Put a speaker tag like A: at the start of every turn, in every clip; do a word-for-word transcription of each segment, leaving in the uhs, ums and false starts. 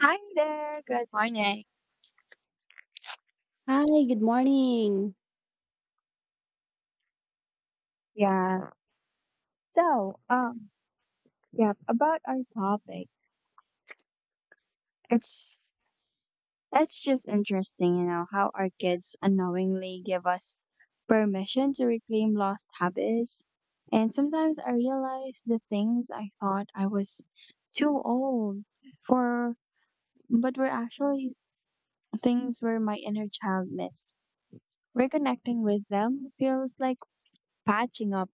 A: Hi there. Good morning.
B: Hi, good morning.
A: Yeah. So, um, yeah, about our topic, it's it's just interesting, you know, how our kids unknowingly give us permission to reclaim lost habits. And sometimes I realize the things I thought I was too old for, but were actually things where my inner child missed. Reconnecting with them feels like patching up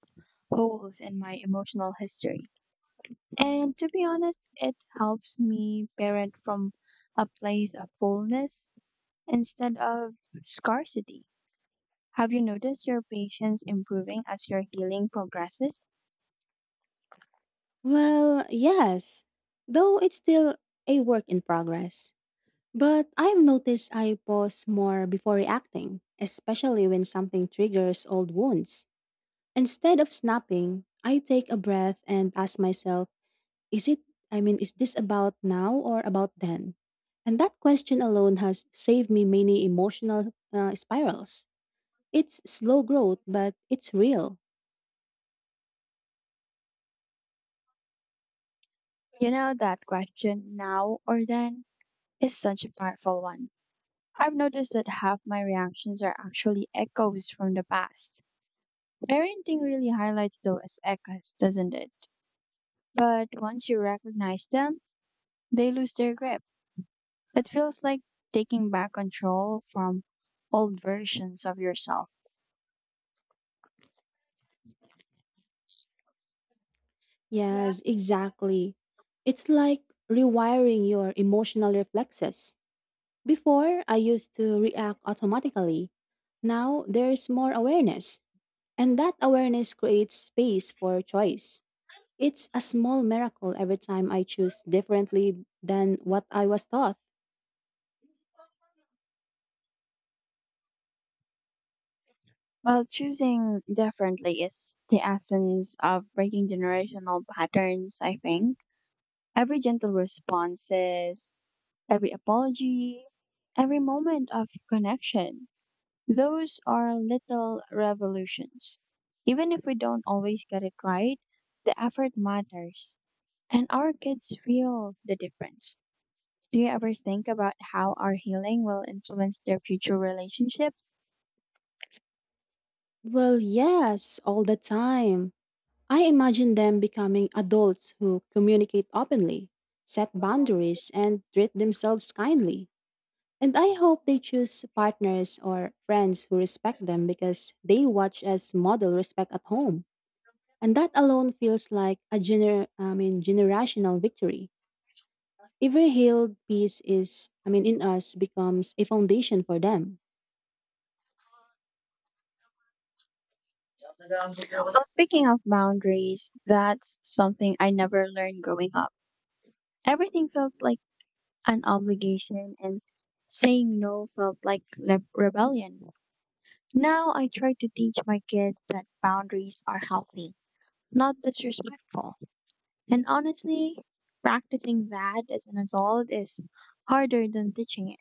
A: holes in my emotional history. And to be honest, it helps me parent from a place of fullness instead of scarcity. Have you noticed your patience improving as your healing progresses?
B: Well, yes, though it's still a work in progress. But I've noticed I pause more before reacting, especially when something triggers old wounds. Instead of snapping, I take a breath and ask myself, is it, I mean, is this about now or about then? And that question alone has saved me many emotional uh, spirals. It's slow growth, but it's real.
A: You know, that question, now or then, is such a powerful one. I've noticed that half my reactions are actually echoes from the past. Parenting really highlights those as echoes, doesn't it? But once you recognize them, they lose their grip. It feels like taking back control from old versions of yourself.
B: Yes, exactly. It's like rewiring your emotional reflexes. Before, I used to react automatically. Now, there's more awareness, and that awareness creates space for choice. It's a small miracle every time I choose differently than what I was taught.
A: While choosing differently is the essence of breaking generational patterns, I think. Every gentle response is every apology, every moment of connection. Those are little revolutions. Even if we don't always get it right, the effort matters. And our kids feel the difference. Do you ever think about how our healing will influence their future relationships?
B: Well, yes, all the time. I imagine them becoming adults who communicate openly, set boundaries, and treat themselves kindly. And I hope they choose partners or friends who respect them because they watch us model respect at home. And that alone feels like a gener- I mean, generational victory. Every healed piece is, I mean, in us becomes a foundation for them.
A: Well, speaking of boundaries, that's something I never learned growing up. Everything felt like an obligation, and saying no felt like le- rebellion. Now I try to teach my kids that boundaries are healthy, not disrespectful. And honestly, practicing that as an adult is harder than teaching it.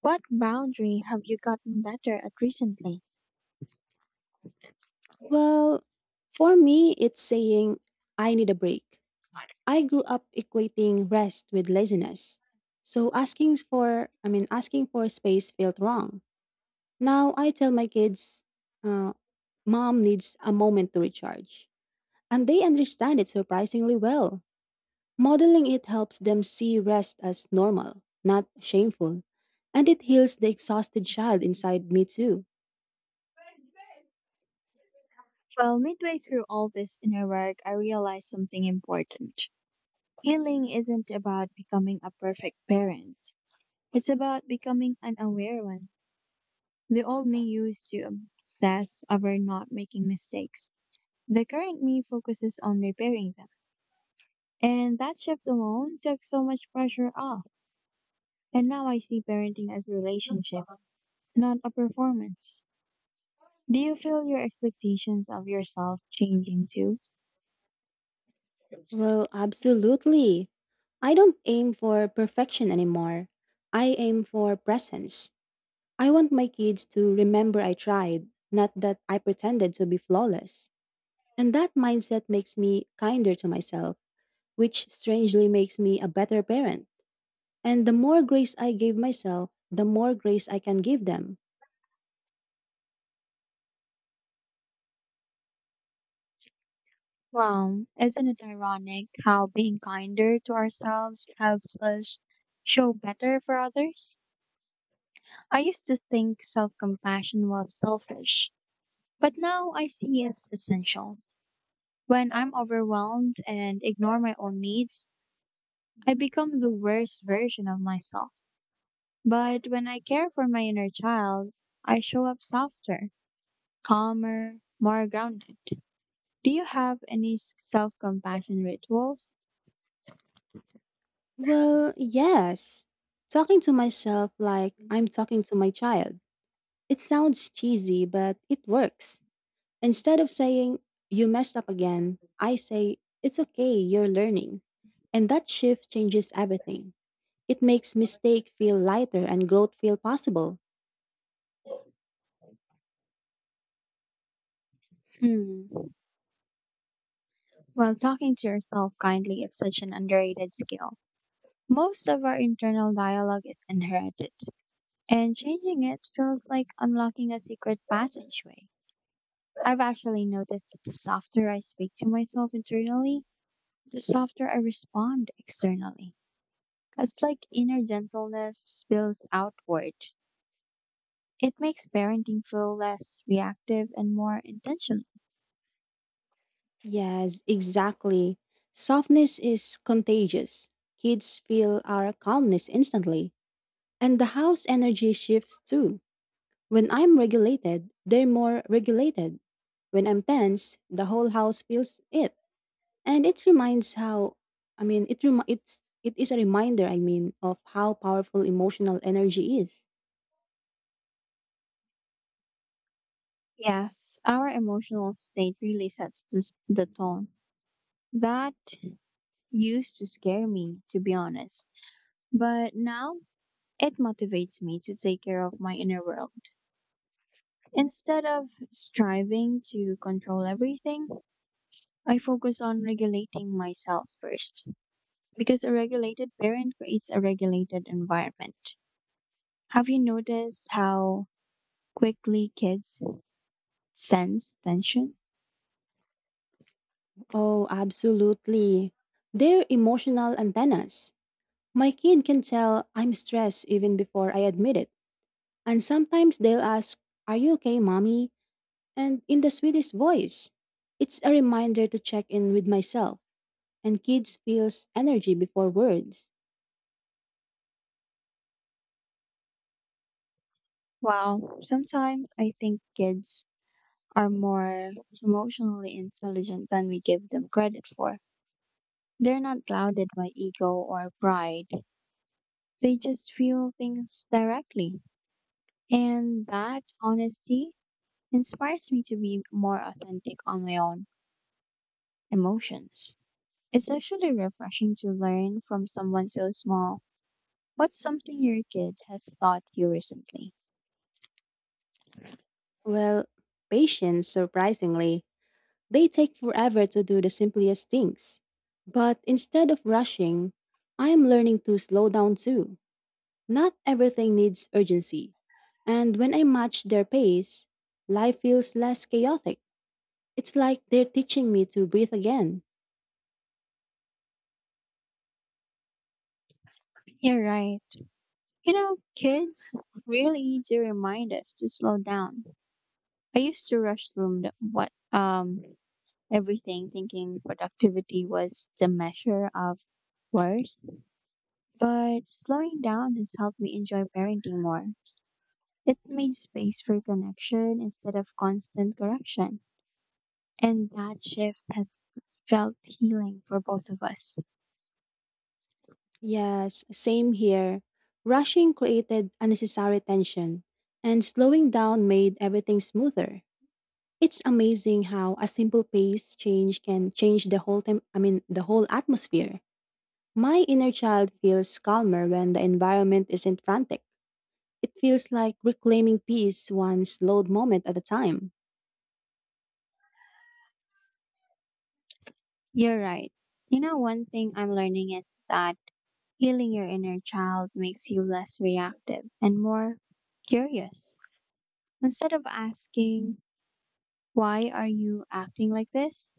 A: What boundary have you gotten better at recently?
B: Well, for me, it's saying, I need a break. I grew up equating rest with laziness. So asking for, I mean, asking for space felt wrong. Now I tell my kids, uh, Mom needs a moment to recharge, and they understand it surprisingly well. Modeling it helps them see rest as normal, not shameful, and it heals the exhausted child inside me too.
A: Well, midway through all this inner work, I realized something important. Healing isn't about becoming a perfect parent. It's about becoming an aware one. The old me used to obsess over not making mistakes. The current me focuses on repairing them. And that shift alone took so much pressure off. And now I see parenting as a relationship, not a performance. Do you feel your expectations of yourself changing too?
B: Well, absolutely. I don't aim for perfection anymore. I aim for presence. I want my kids to remember I tried, not that I pretended to be flawless. And that mindset makes me kinder to myself, which strangely makes me a better parent. And the more grace I give myself, the more grace I can give them.
A: Well, isn't it ironic how being kinder to ourselves helps us show better for others? I used to think self compassion was selfish, but now I see it's essential. When I'm overwhelmed and ignore my own needs, I become the worst version of myself. But when I care for my inner child, I show up softer, calmer, more grounded. Do you have any self compassion rituals?
B: Well, yes. Talking to myself like I'm talking to my child. It sounds cheesy, but it works. Instead of saying, you messed up again, I say, it's okay, you're learning. And that shift changes everything. It makes mistake feel lighter and growth feel possible.
A: Hmm. While talking to yourself kindly is such an underrated skill. Most of our internal dialogue is inherited, and changing it feels like unlocking a secret passageway. I've actually noticed that the softer I speak to myself internally, the softer I respond externally. It's like inner gentleness spills outward. It makes parenting feel less reactive and more intentional.
B: Yes, exactly. Softness is contagious. Kids feel our calmness instantly. And the house energy shifts too. When I'm regulated, they're more regulated. When I'm tense, the whole house feels it. And it reminds how I mean it rem- it's it is a reminder, I mean, of how powerful emotional energy is.
A: Yes, our emotional state really sets this, the tone. That used to scare me, to be honest. But now it motivates me to take care of my inner world. Instead of striving to control everything, I focus on regulating myself first because a regulated parent creates a regulated environment. Have you noticed how quickly kids sense tension?
B: Oh, absolutely. They're emotional antennas. My kid can tell I'm stressed even before I admit it. And sometimes they'll ask, Are you okay, mommy? And in the sweetest voice. It's a reminder to check in with myself, and kids feels energy before words.
A: Well, sometimes I think kids are more emotionally intelligent than we give them credit for. They're not clouded by ego or pride. They just feel things directly. And that honesty inspires me to be more authentic on my own emotions. It's actually refreshing to learn from someone so small. What's something your kid has taught you recently?
B: Well, patience, surprisingly, they take forever to do the simplest things. But instead of rushing, I am learning to slow down too. Not everything needs urgency. And when I match their pace, life feels less chaotic. It's like they're teaching me to breathe again.
A: You're right. You know, kids really do remind us to slow down. I used to rush through the, what um everything, thinking productivity was the measure of worth. But slowing down has helped me enjoy parenting more. It made space for connection instead of constant correction. And that shift has felt healing for both of us.
B: Yes, same here. Rushing created unnecessary tension, and slowing down made everything smoother. It's amazing how a simple pace change can change the whole time, I mean, the whole atmosphere. My inner child feels calmer when the environment isn't frantic. It feels like reclaiming peace one slowed moment at a time.
A: You're right. You know, one thing I'm learning is that healing your inner child makes you less reactive and more curious. Instead of asking, why are you acting like this?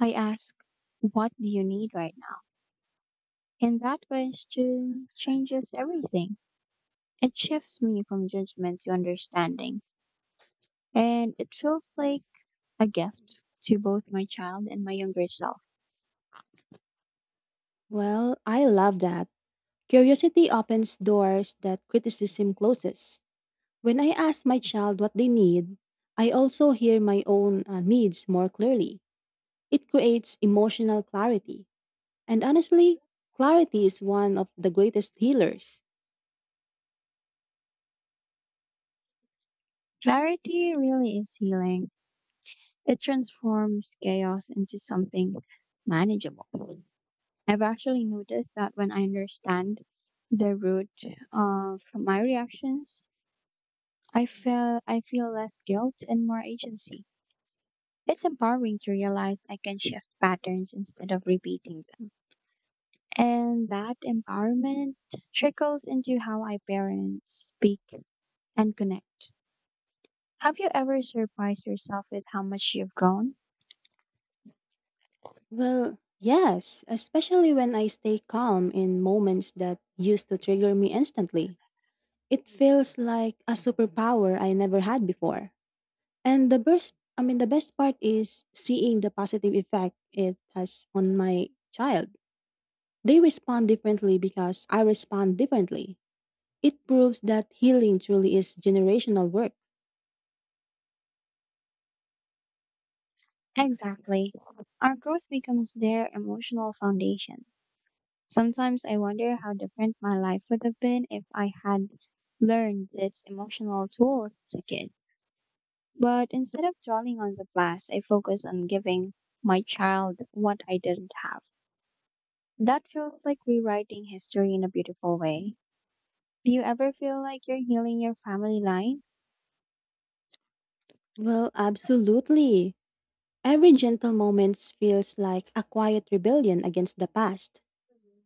A: I ask, what do you need right now? And that question changes everything. It shifts me from judgment to understanding. And it feels like a gift to both my child and my younger self.
B: Well, I love that. Curiosity opens doors that criticism closes. When I ask my child what they need, I also hear my own uh, needs more clearly. It creates emotional clarity. And honestly, clarity is one of the greatest healers.
A: Clarity really is healing. It transforms chaos into something manageable. I've actually noticed that when I understand the root of my reactions, I feel I feel less guilt and more agency. It's empowering to realize I can shift patterns instead of repeating them. And that empowerment trickles into how I parent, speak, and connect. Have you ever surprised yourself with how much you've grown?
B: Well, yes, especially when I stay calm in moments that used to trigger me instantly. It feels like a superpower I never had before. And the best I mean the best part is seeing the positive effect it has on my child. They respond differently because I respond differently. It proves that healing truly is generational work.
A: Exactly. Our growth becomes their emotional foundation. Sometimes I wonder how different my life would have been if I had learned these emotional tools as a kid. But instead of dwelling on the past, I focused on giving my child what I didn't have. That feels like rewriting history in a beautiful way. Do you ever feel like you're healing your family line?
B: Well, absolutely. Every gentle moment feels like a quiet rebellion against the past.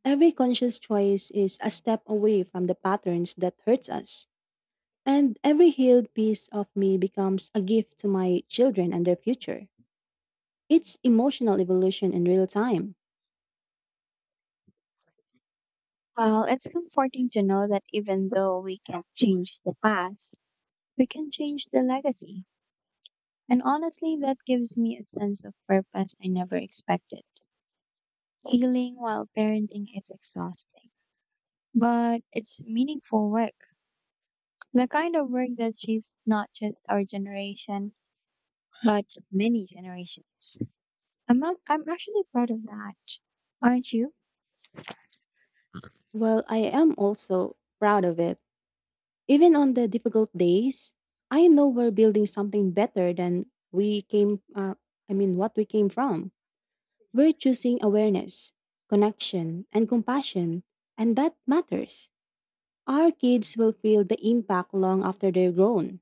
B: Every conscious choice is a step away from the patterns that hurts us. And every healed piece of me becomes a gift to my children and their future. It's emotional evolution in real time.
A: Well, it's comforting to know that even though we can't change the past, we can change the legacy. And honestly, that gives me a sense of purpose I never expected. Healing while parenting is exhausting, but it's meaningful work. The kind of work that shapes not just our generation, but many generations. I'm not, I'm actually proud of that. Aren't you?
B: Well, I am also proud of it. Even on the difficult days, I know we're building something better than we came, uh, I mean, what we came from. We're choosing awareness, connection, and compassion, and that matters. Our kids will feel the impact long after they're grown.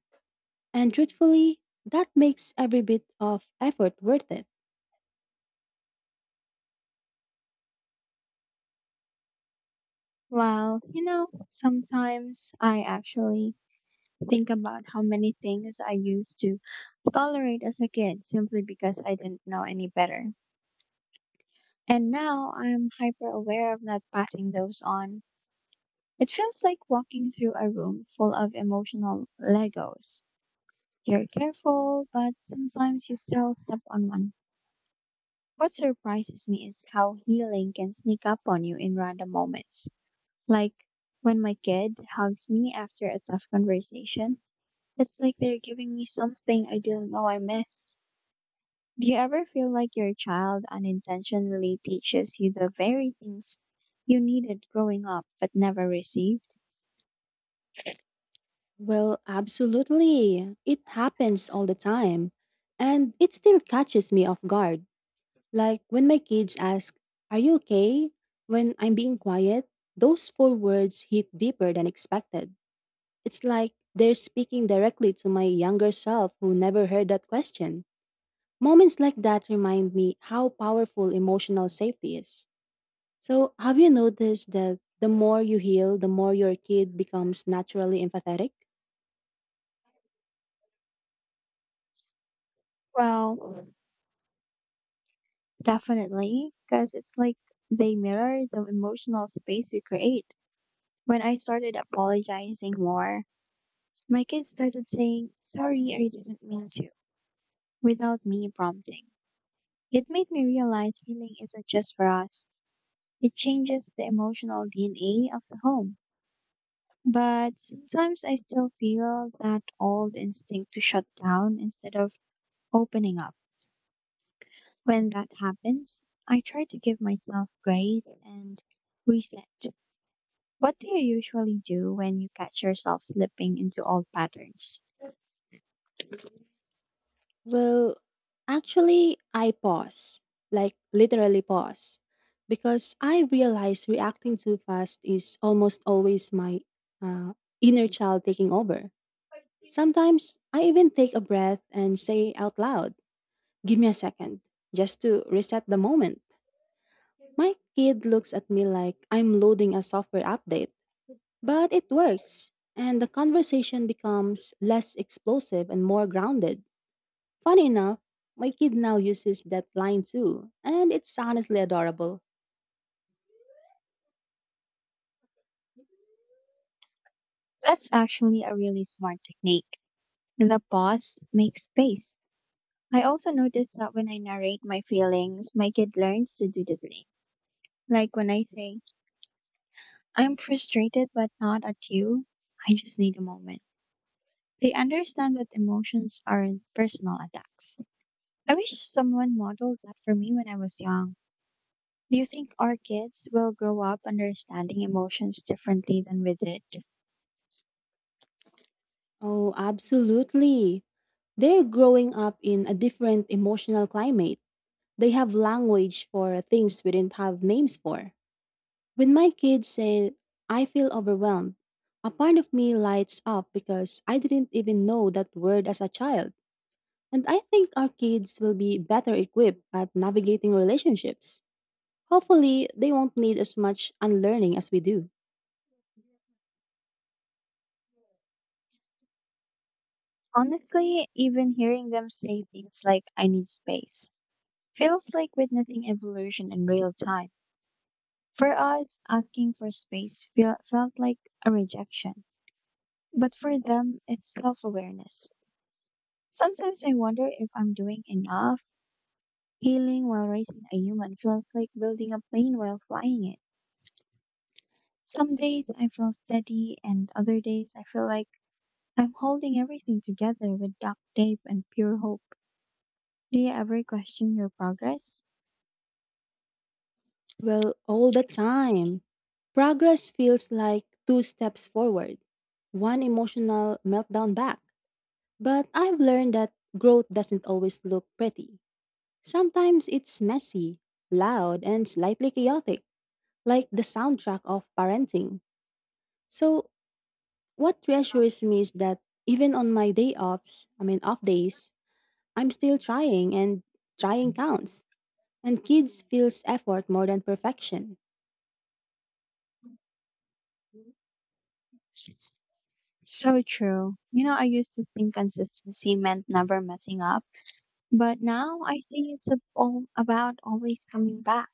B: And truthfully, that makes every bit of effort worth it.
A: Well, you know, sometimes I actually think about how many things I used to tolerate as a kid simply because I didn't know any better. And now I'm hyper aware of not passing those on. It feels like walking through a room full of emotional Legos. You're careful, but sometimes you still step on one. What surprises me is how healing can sneak up on you in random moments. Like when my kid hugs me after a tough conversation, it's like they're giving me something I didn't know I missed. Do you ever feel like your child unintentionally teaches you the very things you needed growing up but never received?
B: Well, absolutely. It happens all the time. And it still catches me off guard. Like when my kids ask, Are you okay? When I'm being quiet, those four words hit deeper than expected. It's like they're speaking directly to my younger self who never heard that question. Moments like that remind me how powerful emotional safety is. So, have you noticed that the more you heal, the more your kid becomes naturally empathetic?
A: Well, definitely, because it's like they mirror the emotional space we create. When I started apologizing more, my kids started saying, "Sorry, I didn't mean to," without me prompting. It made me realize healing isn't just for us, it changes the emotional D N A of the home. But sometimes I still feel that old instinct to shut down instead of opening up. When that happens, I try to give myself grace and reset. What do you usually do when you catch yourself slipping into old patterns?
B: Well, actually, I pause, like literally pause, because I realize reacting too fast is almost always my uh, inner child taking over. Sometimes I even take a breath and say out loud, Give me a second," just to reset the moment. My kid looks at me like I'm loading a software update, but it works, and the conversation becomes less explosive and more grounded. Funny enough, my kid now uses that line too, and it's honestly adorable.
A: That's actually a really smart technique. The pause makes space. I also notice that when I narrate my feelings, my kid learns to do the same. Like when I say, "I'm frustrated but not at you, I just need a moment." They understand that emotions aren't personal attacks. I wish someone modeled that for me when I was young. Do you think our kids will grow up understanding emotions differently than we did?
B: Oh, absolutely. They're growing up in a different emotional climate. They have language for things we didn't have names for. When my kids say, I feel overwhelmed, a part of me lights up because I didn't even know that word as a child. And I think our kids will be better equipped at navigating relationships. Hopefully, they won't need as much unlearning as we do.
A: Honestly, even hearing them say things like, "I need space," feels like witnessing evolution in real time. For us, asking for space feel, felt like a rejection, but for them, it's self awareness. Sometimes I wonder if I'm doing enough. Healing while raising a human feels like building a plane while flying it. Some days I feel steady, and other days I feel like I'm holding everything together with duct tape and pure hope. Do you ever question your progress?
B: Well, all the time. Progress feels like two steps forward, one emotional meltdown back. But I've learned that growth doesn't always look pretty. Sometimes it's messy, loud, and slightly chaotic, like the soundtrack of parenting. So, what reassures me is that even on my day offs, I mean off days, I'm still trying and trying counts. And kids feels effort more than perfection.
A: So true. You know, I used to think consistency meant never messing up. But now I see it's ab- all about always coming back.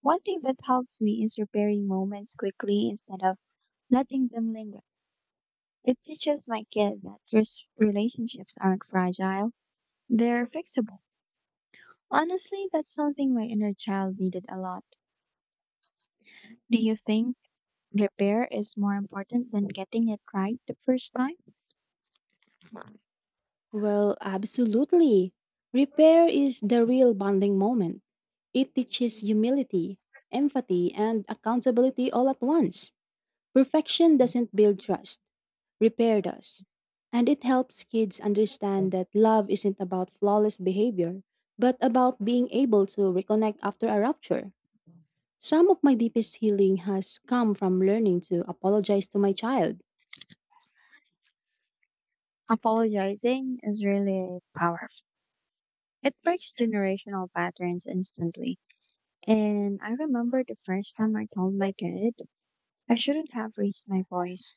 A: One thing that helps me is repairing moments quickly instead of letting them linger. It teaches my kids that res- relationships aren't fragile, they're fixable. Honestly, that's something my inner child needed a lot. Do you think repair is more important than getting it right the first time?
B: Well, absolutely. Repair is the real bonding moment. It teaches humility, empathy, and accountability all at once. Perfection doesn't build trust, repair does. And it helps kids understand that love isn't about flawless behavior, but about being able to reconnect after a rupture. Some of my deepest healing has come from learning to apologize to my child.
A: Apologizing is really powerful. It breaks generational patterns instantly. And I remember the first time I told my kid I shouldn't have raised my voice.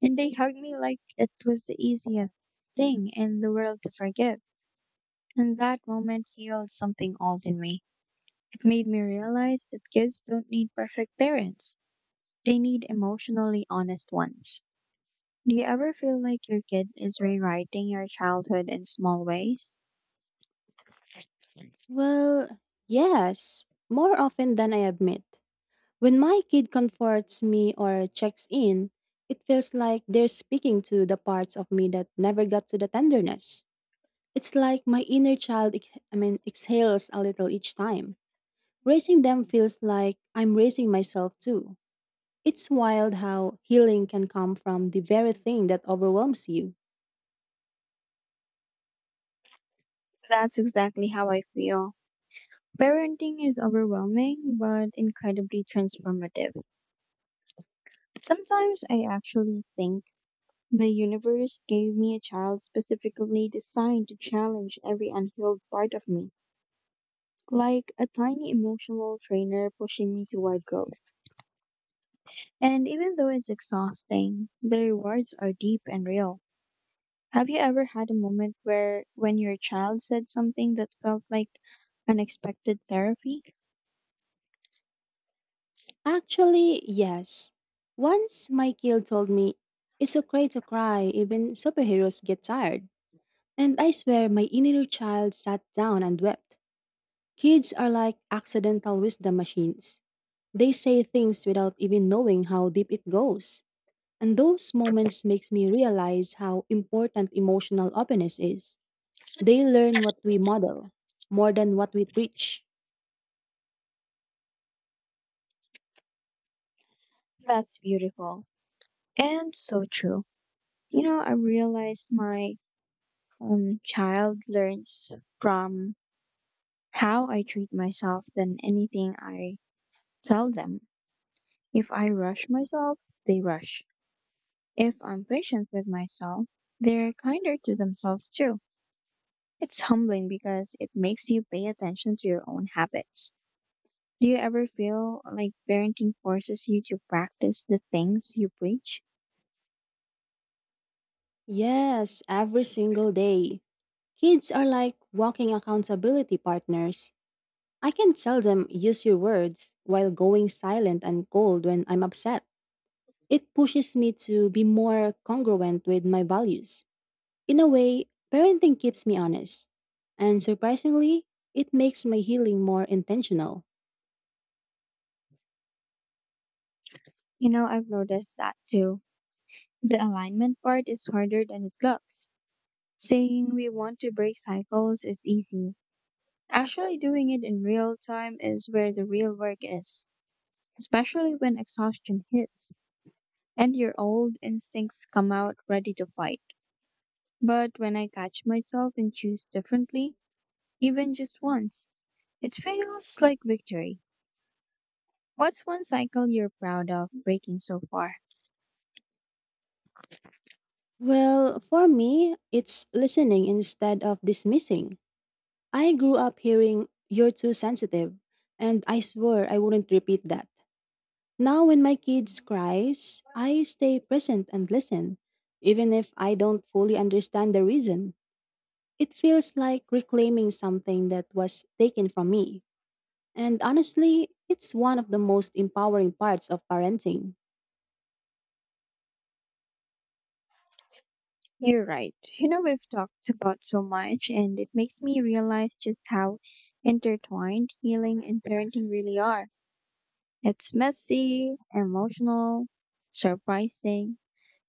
A: And they hugged me like it was the easiest thing in the world to forgive. And that moment healed something old in me. It made me realize that kids don't need perfect parents, they need emotionally honest ones. Do you ever feel like your kid is rewriting your childhood in small ways?
B: Well, yes, more often than I admit. When my kid comforts me or checks in, it feels like they're speaking to the parts of me that never got to the tenderness. It's like my inner child, ex- I mean, exhales a little each time. Raising them feels like I'm raising myself too. It's wild how healing can come from the very thing that overwhelms you.
A: That's exactly how I feel. Parenting is overwhelming but incredibly transformative. Sometimes I actually think the universe gave me a child specifically designed to challenge every unhealed part of me, like a tiny emotional trainer pushing me toward growth. And even though it's exhausting, the rewards are deep and real. Have you ever had a moment where when your child said something that felt like unexpected therapy?
B: Actually, yes. Once my kid told me, it's okay to cry, even superheroes get tired. And I swear my inner child sat down and wept. Kids are like accidental wisdom machines. They say things without even knowing how deep it goes. And those moments makes me realize how important emotional openness is. They learn what we model more than what we preach.
A: That's beautiful and so true. You know, I realized my um, child learns from how I treat myself than anything I tell them. If I rush myself, they rush. If I'm patient with myself, they're kinder to themselves too. It's humbling because it makes you pay attention to your own habits. Do you ever feel like parenting forces you to practice the things you preach?
B: Yes, every single day. Kids are like walking accountability partners. I can tell them use your words while going silent and cold when I'm upset. It pushes me to be more congruent with my values. In a way, parenting keeps me honest. And surprisingly, it makes my healing more intentional.
A: You know, I've noticed that too. The alignment part is harder than it looks. Saying we want to break cycles is easy. Actually doing it in real time is where the real work is, especially when exhaustion hits and your old instincts come out ready to fight. But when I catch myself and choose differently, even just once, it feels like victory. What's one cycle you're proud of breaking so far?
B: Well, for me, it's listening instead of dismissing. I grew up hearing, you're too sensitive, and I swore I wouldn't repeat that. Now, when my kids cries, I stay present and listen, even if I don't fully understand the reason. It feels like reclaiming something that was taken from me. And honestly, it's one of the most empowering parts of parenting.
A: You're right. You know, we've talked about so much, and it makes me realize just how intertwined healing and parenting really are. It's messy, emotional, surprising,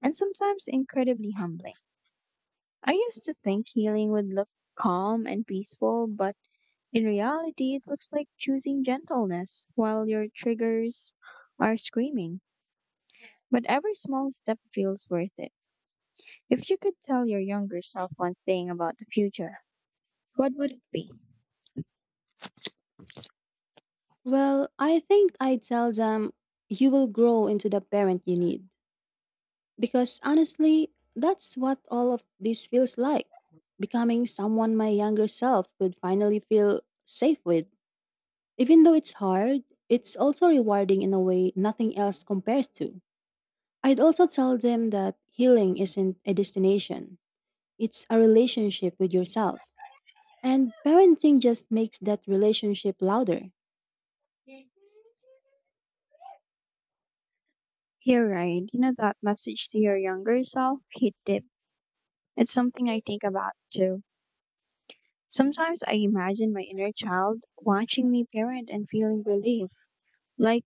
A: and sometimes incredibly humbling. I used to think healing would look calm and peaceful, but in reality, it looks like choosing gentleness while your triggers are screaming. But every small step feels worth it. If you could tell your younger self one thing about the future, what would it be?
B: Well, I think I tell them you will grow into the parent you need. Because honestly, that's what all of this feels like. Becoming someone my younger self could finally feel safe with. Even though it's hard, it's also rewarding in a way nothing else compares to. I'd also tell them that healing isn't a destination. It's a relationship with yourself. And parenting just makes that relationship louder.
A: You're right. You know that message to your younger self hit deep. It's something I think about too. Sometimes I imagine my inner child watching me parent and feeling relief. Like,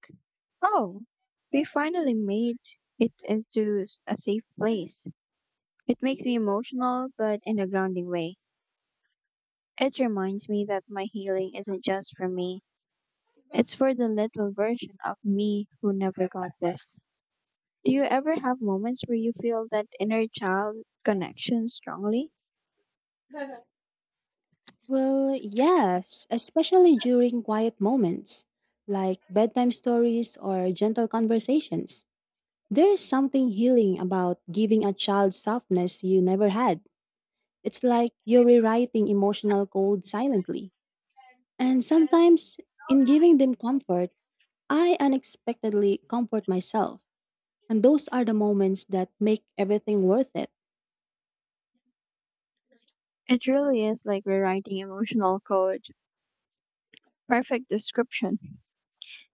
A: oh, we finally made it into s- a safe place. It makes me emotional, but in a grounding way. It reminds me that my healing isn't just for me, it's for the little version of me who never got this. Do you ever have moments where you feel that inner child connection strongly?
B: Well, yes, especially during quiet moments, like bedtime stories or gentle conversations. There is something healing about giving a child softness you never had. It's like you're rewriting emotional code silently. And sometimes, in giving them comfort, I unexpectedly comfort myself. And those are the moments that make everything worth it.
A: It really is like rewriting emotional code. Perfect description.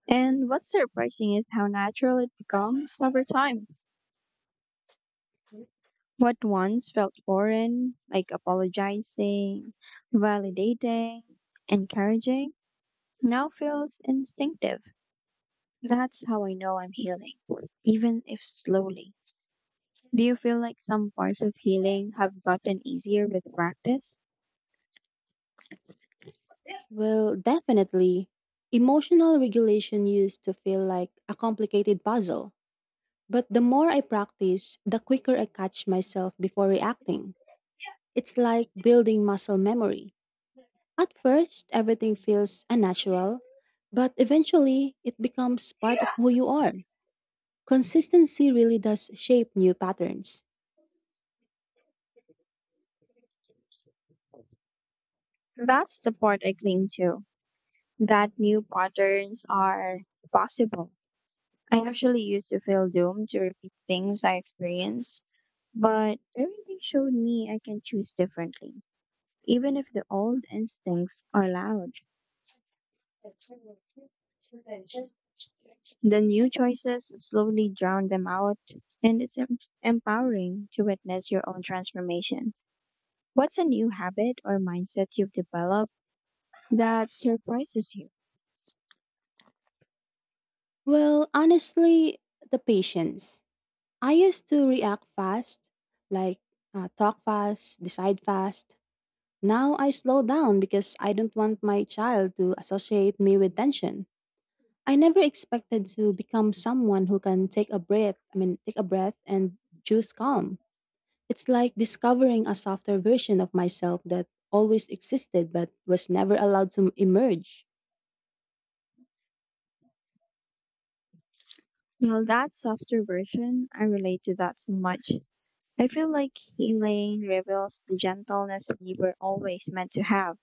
A: And what's surprising is how natural it becomes over time. What once felt foreign, like apologizing, validating, encouraging, now feels instinctive. That's how I know I'm healing, even if slowly. Do you feel like some parts of healing have gotten easier with practice?
B: Well, definitely. Emotional regulation used to feel like a complicated puzzle. But the more I practice, the quicker I catch myself before reacting. It's like building muscle memory. At first, everything feels unnatural, but eventually, it becomes part of who you are. Consistency really does shape new patterns.
A: That's the part I cling to, that new patterns are possible. I actually used to feel doomed to repeat things I experienced. But parenting showed me I can choose differently. Even if the old instincts are loud, the new choices slowly drown them out, and it's em- empowering to witness your own transformation. What's a new habit or mindset you've developed that surprises you?
B: Well, honestly, the patience. I used to react fast, like uh, talk fast, decide fast. Now I slow down because I don't want my child to associate me with tension. I never expected to become someone who can take a breath, I mean, take a breath and choose calm. It's like discovering a softer version of myself that always existed but was never allowed to emerge.
A: Well, that softer version, I relate to that so much. I feel like healing reveals the gentleness we were always meant to have,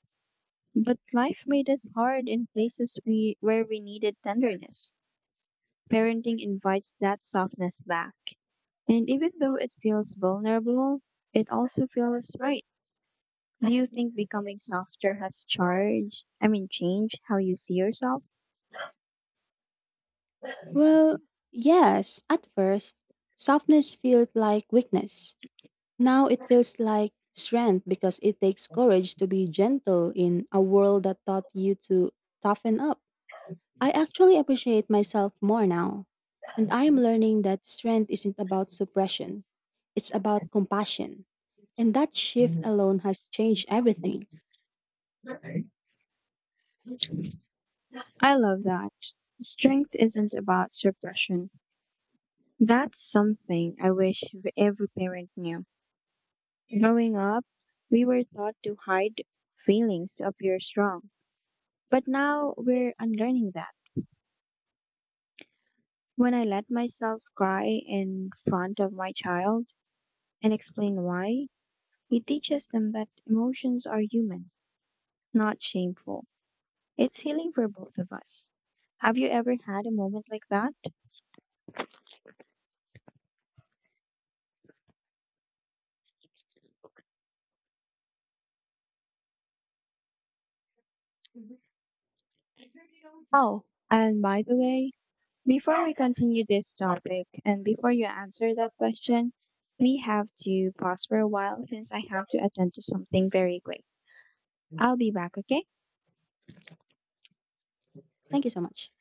A: but life made us hard in places we, where we needed tenderness. Parenting invites that softness back. And even though it feels vulnerable, it also feels right. Do you think becoming softer has charge? I mean, change how you see yourself?
B: Well, yes, at first, softness felt like weakness. Now it feels like strength because it takes courage to be gentle in a world that taught you to toughen up. I actually appreciate myself more now, and I am learning that strength isn't about suppression, it's about compassion. And that shift alone has changed everything.
A: I love that. Strength isn't about suppression. That's something I wish v- every parent knew. Growing up, we were taught to hide feelings to appear strong. But now we're unlearning that. When I let myself cry in front of my child, and explain why, it teaches them that emotions are human, not shameful. It's healing for both of us. Have you ever had a moment like that? Oh, and by the way, before we continue this topic and before you answer that question, we have to pause for a while since I have to attend to something very quick. I'll be back, okay?
B: Thank you so much.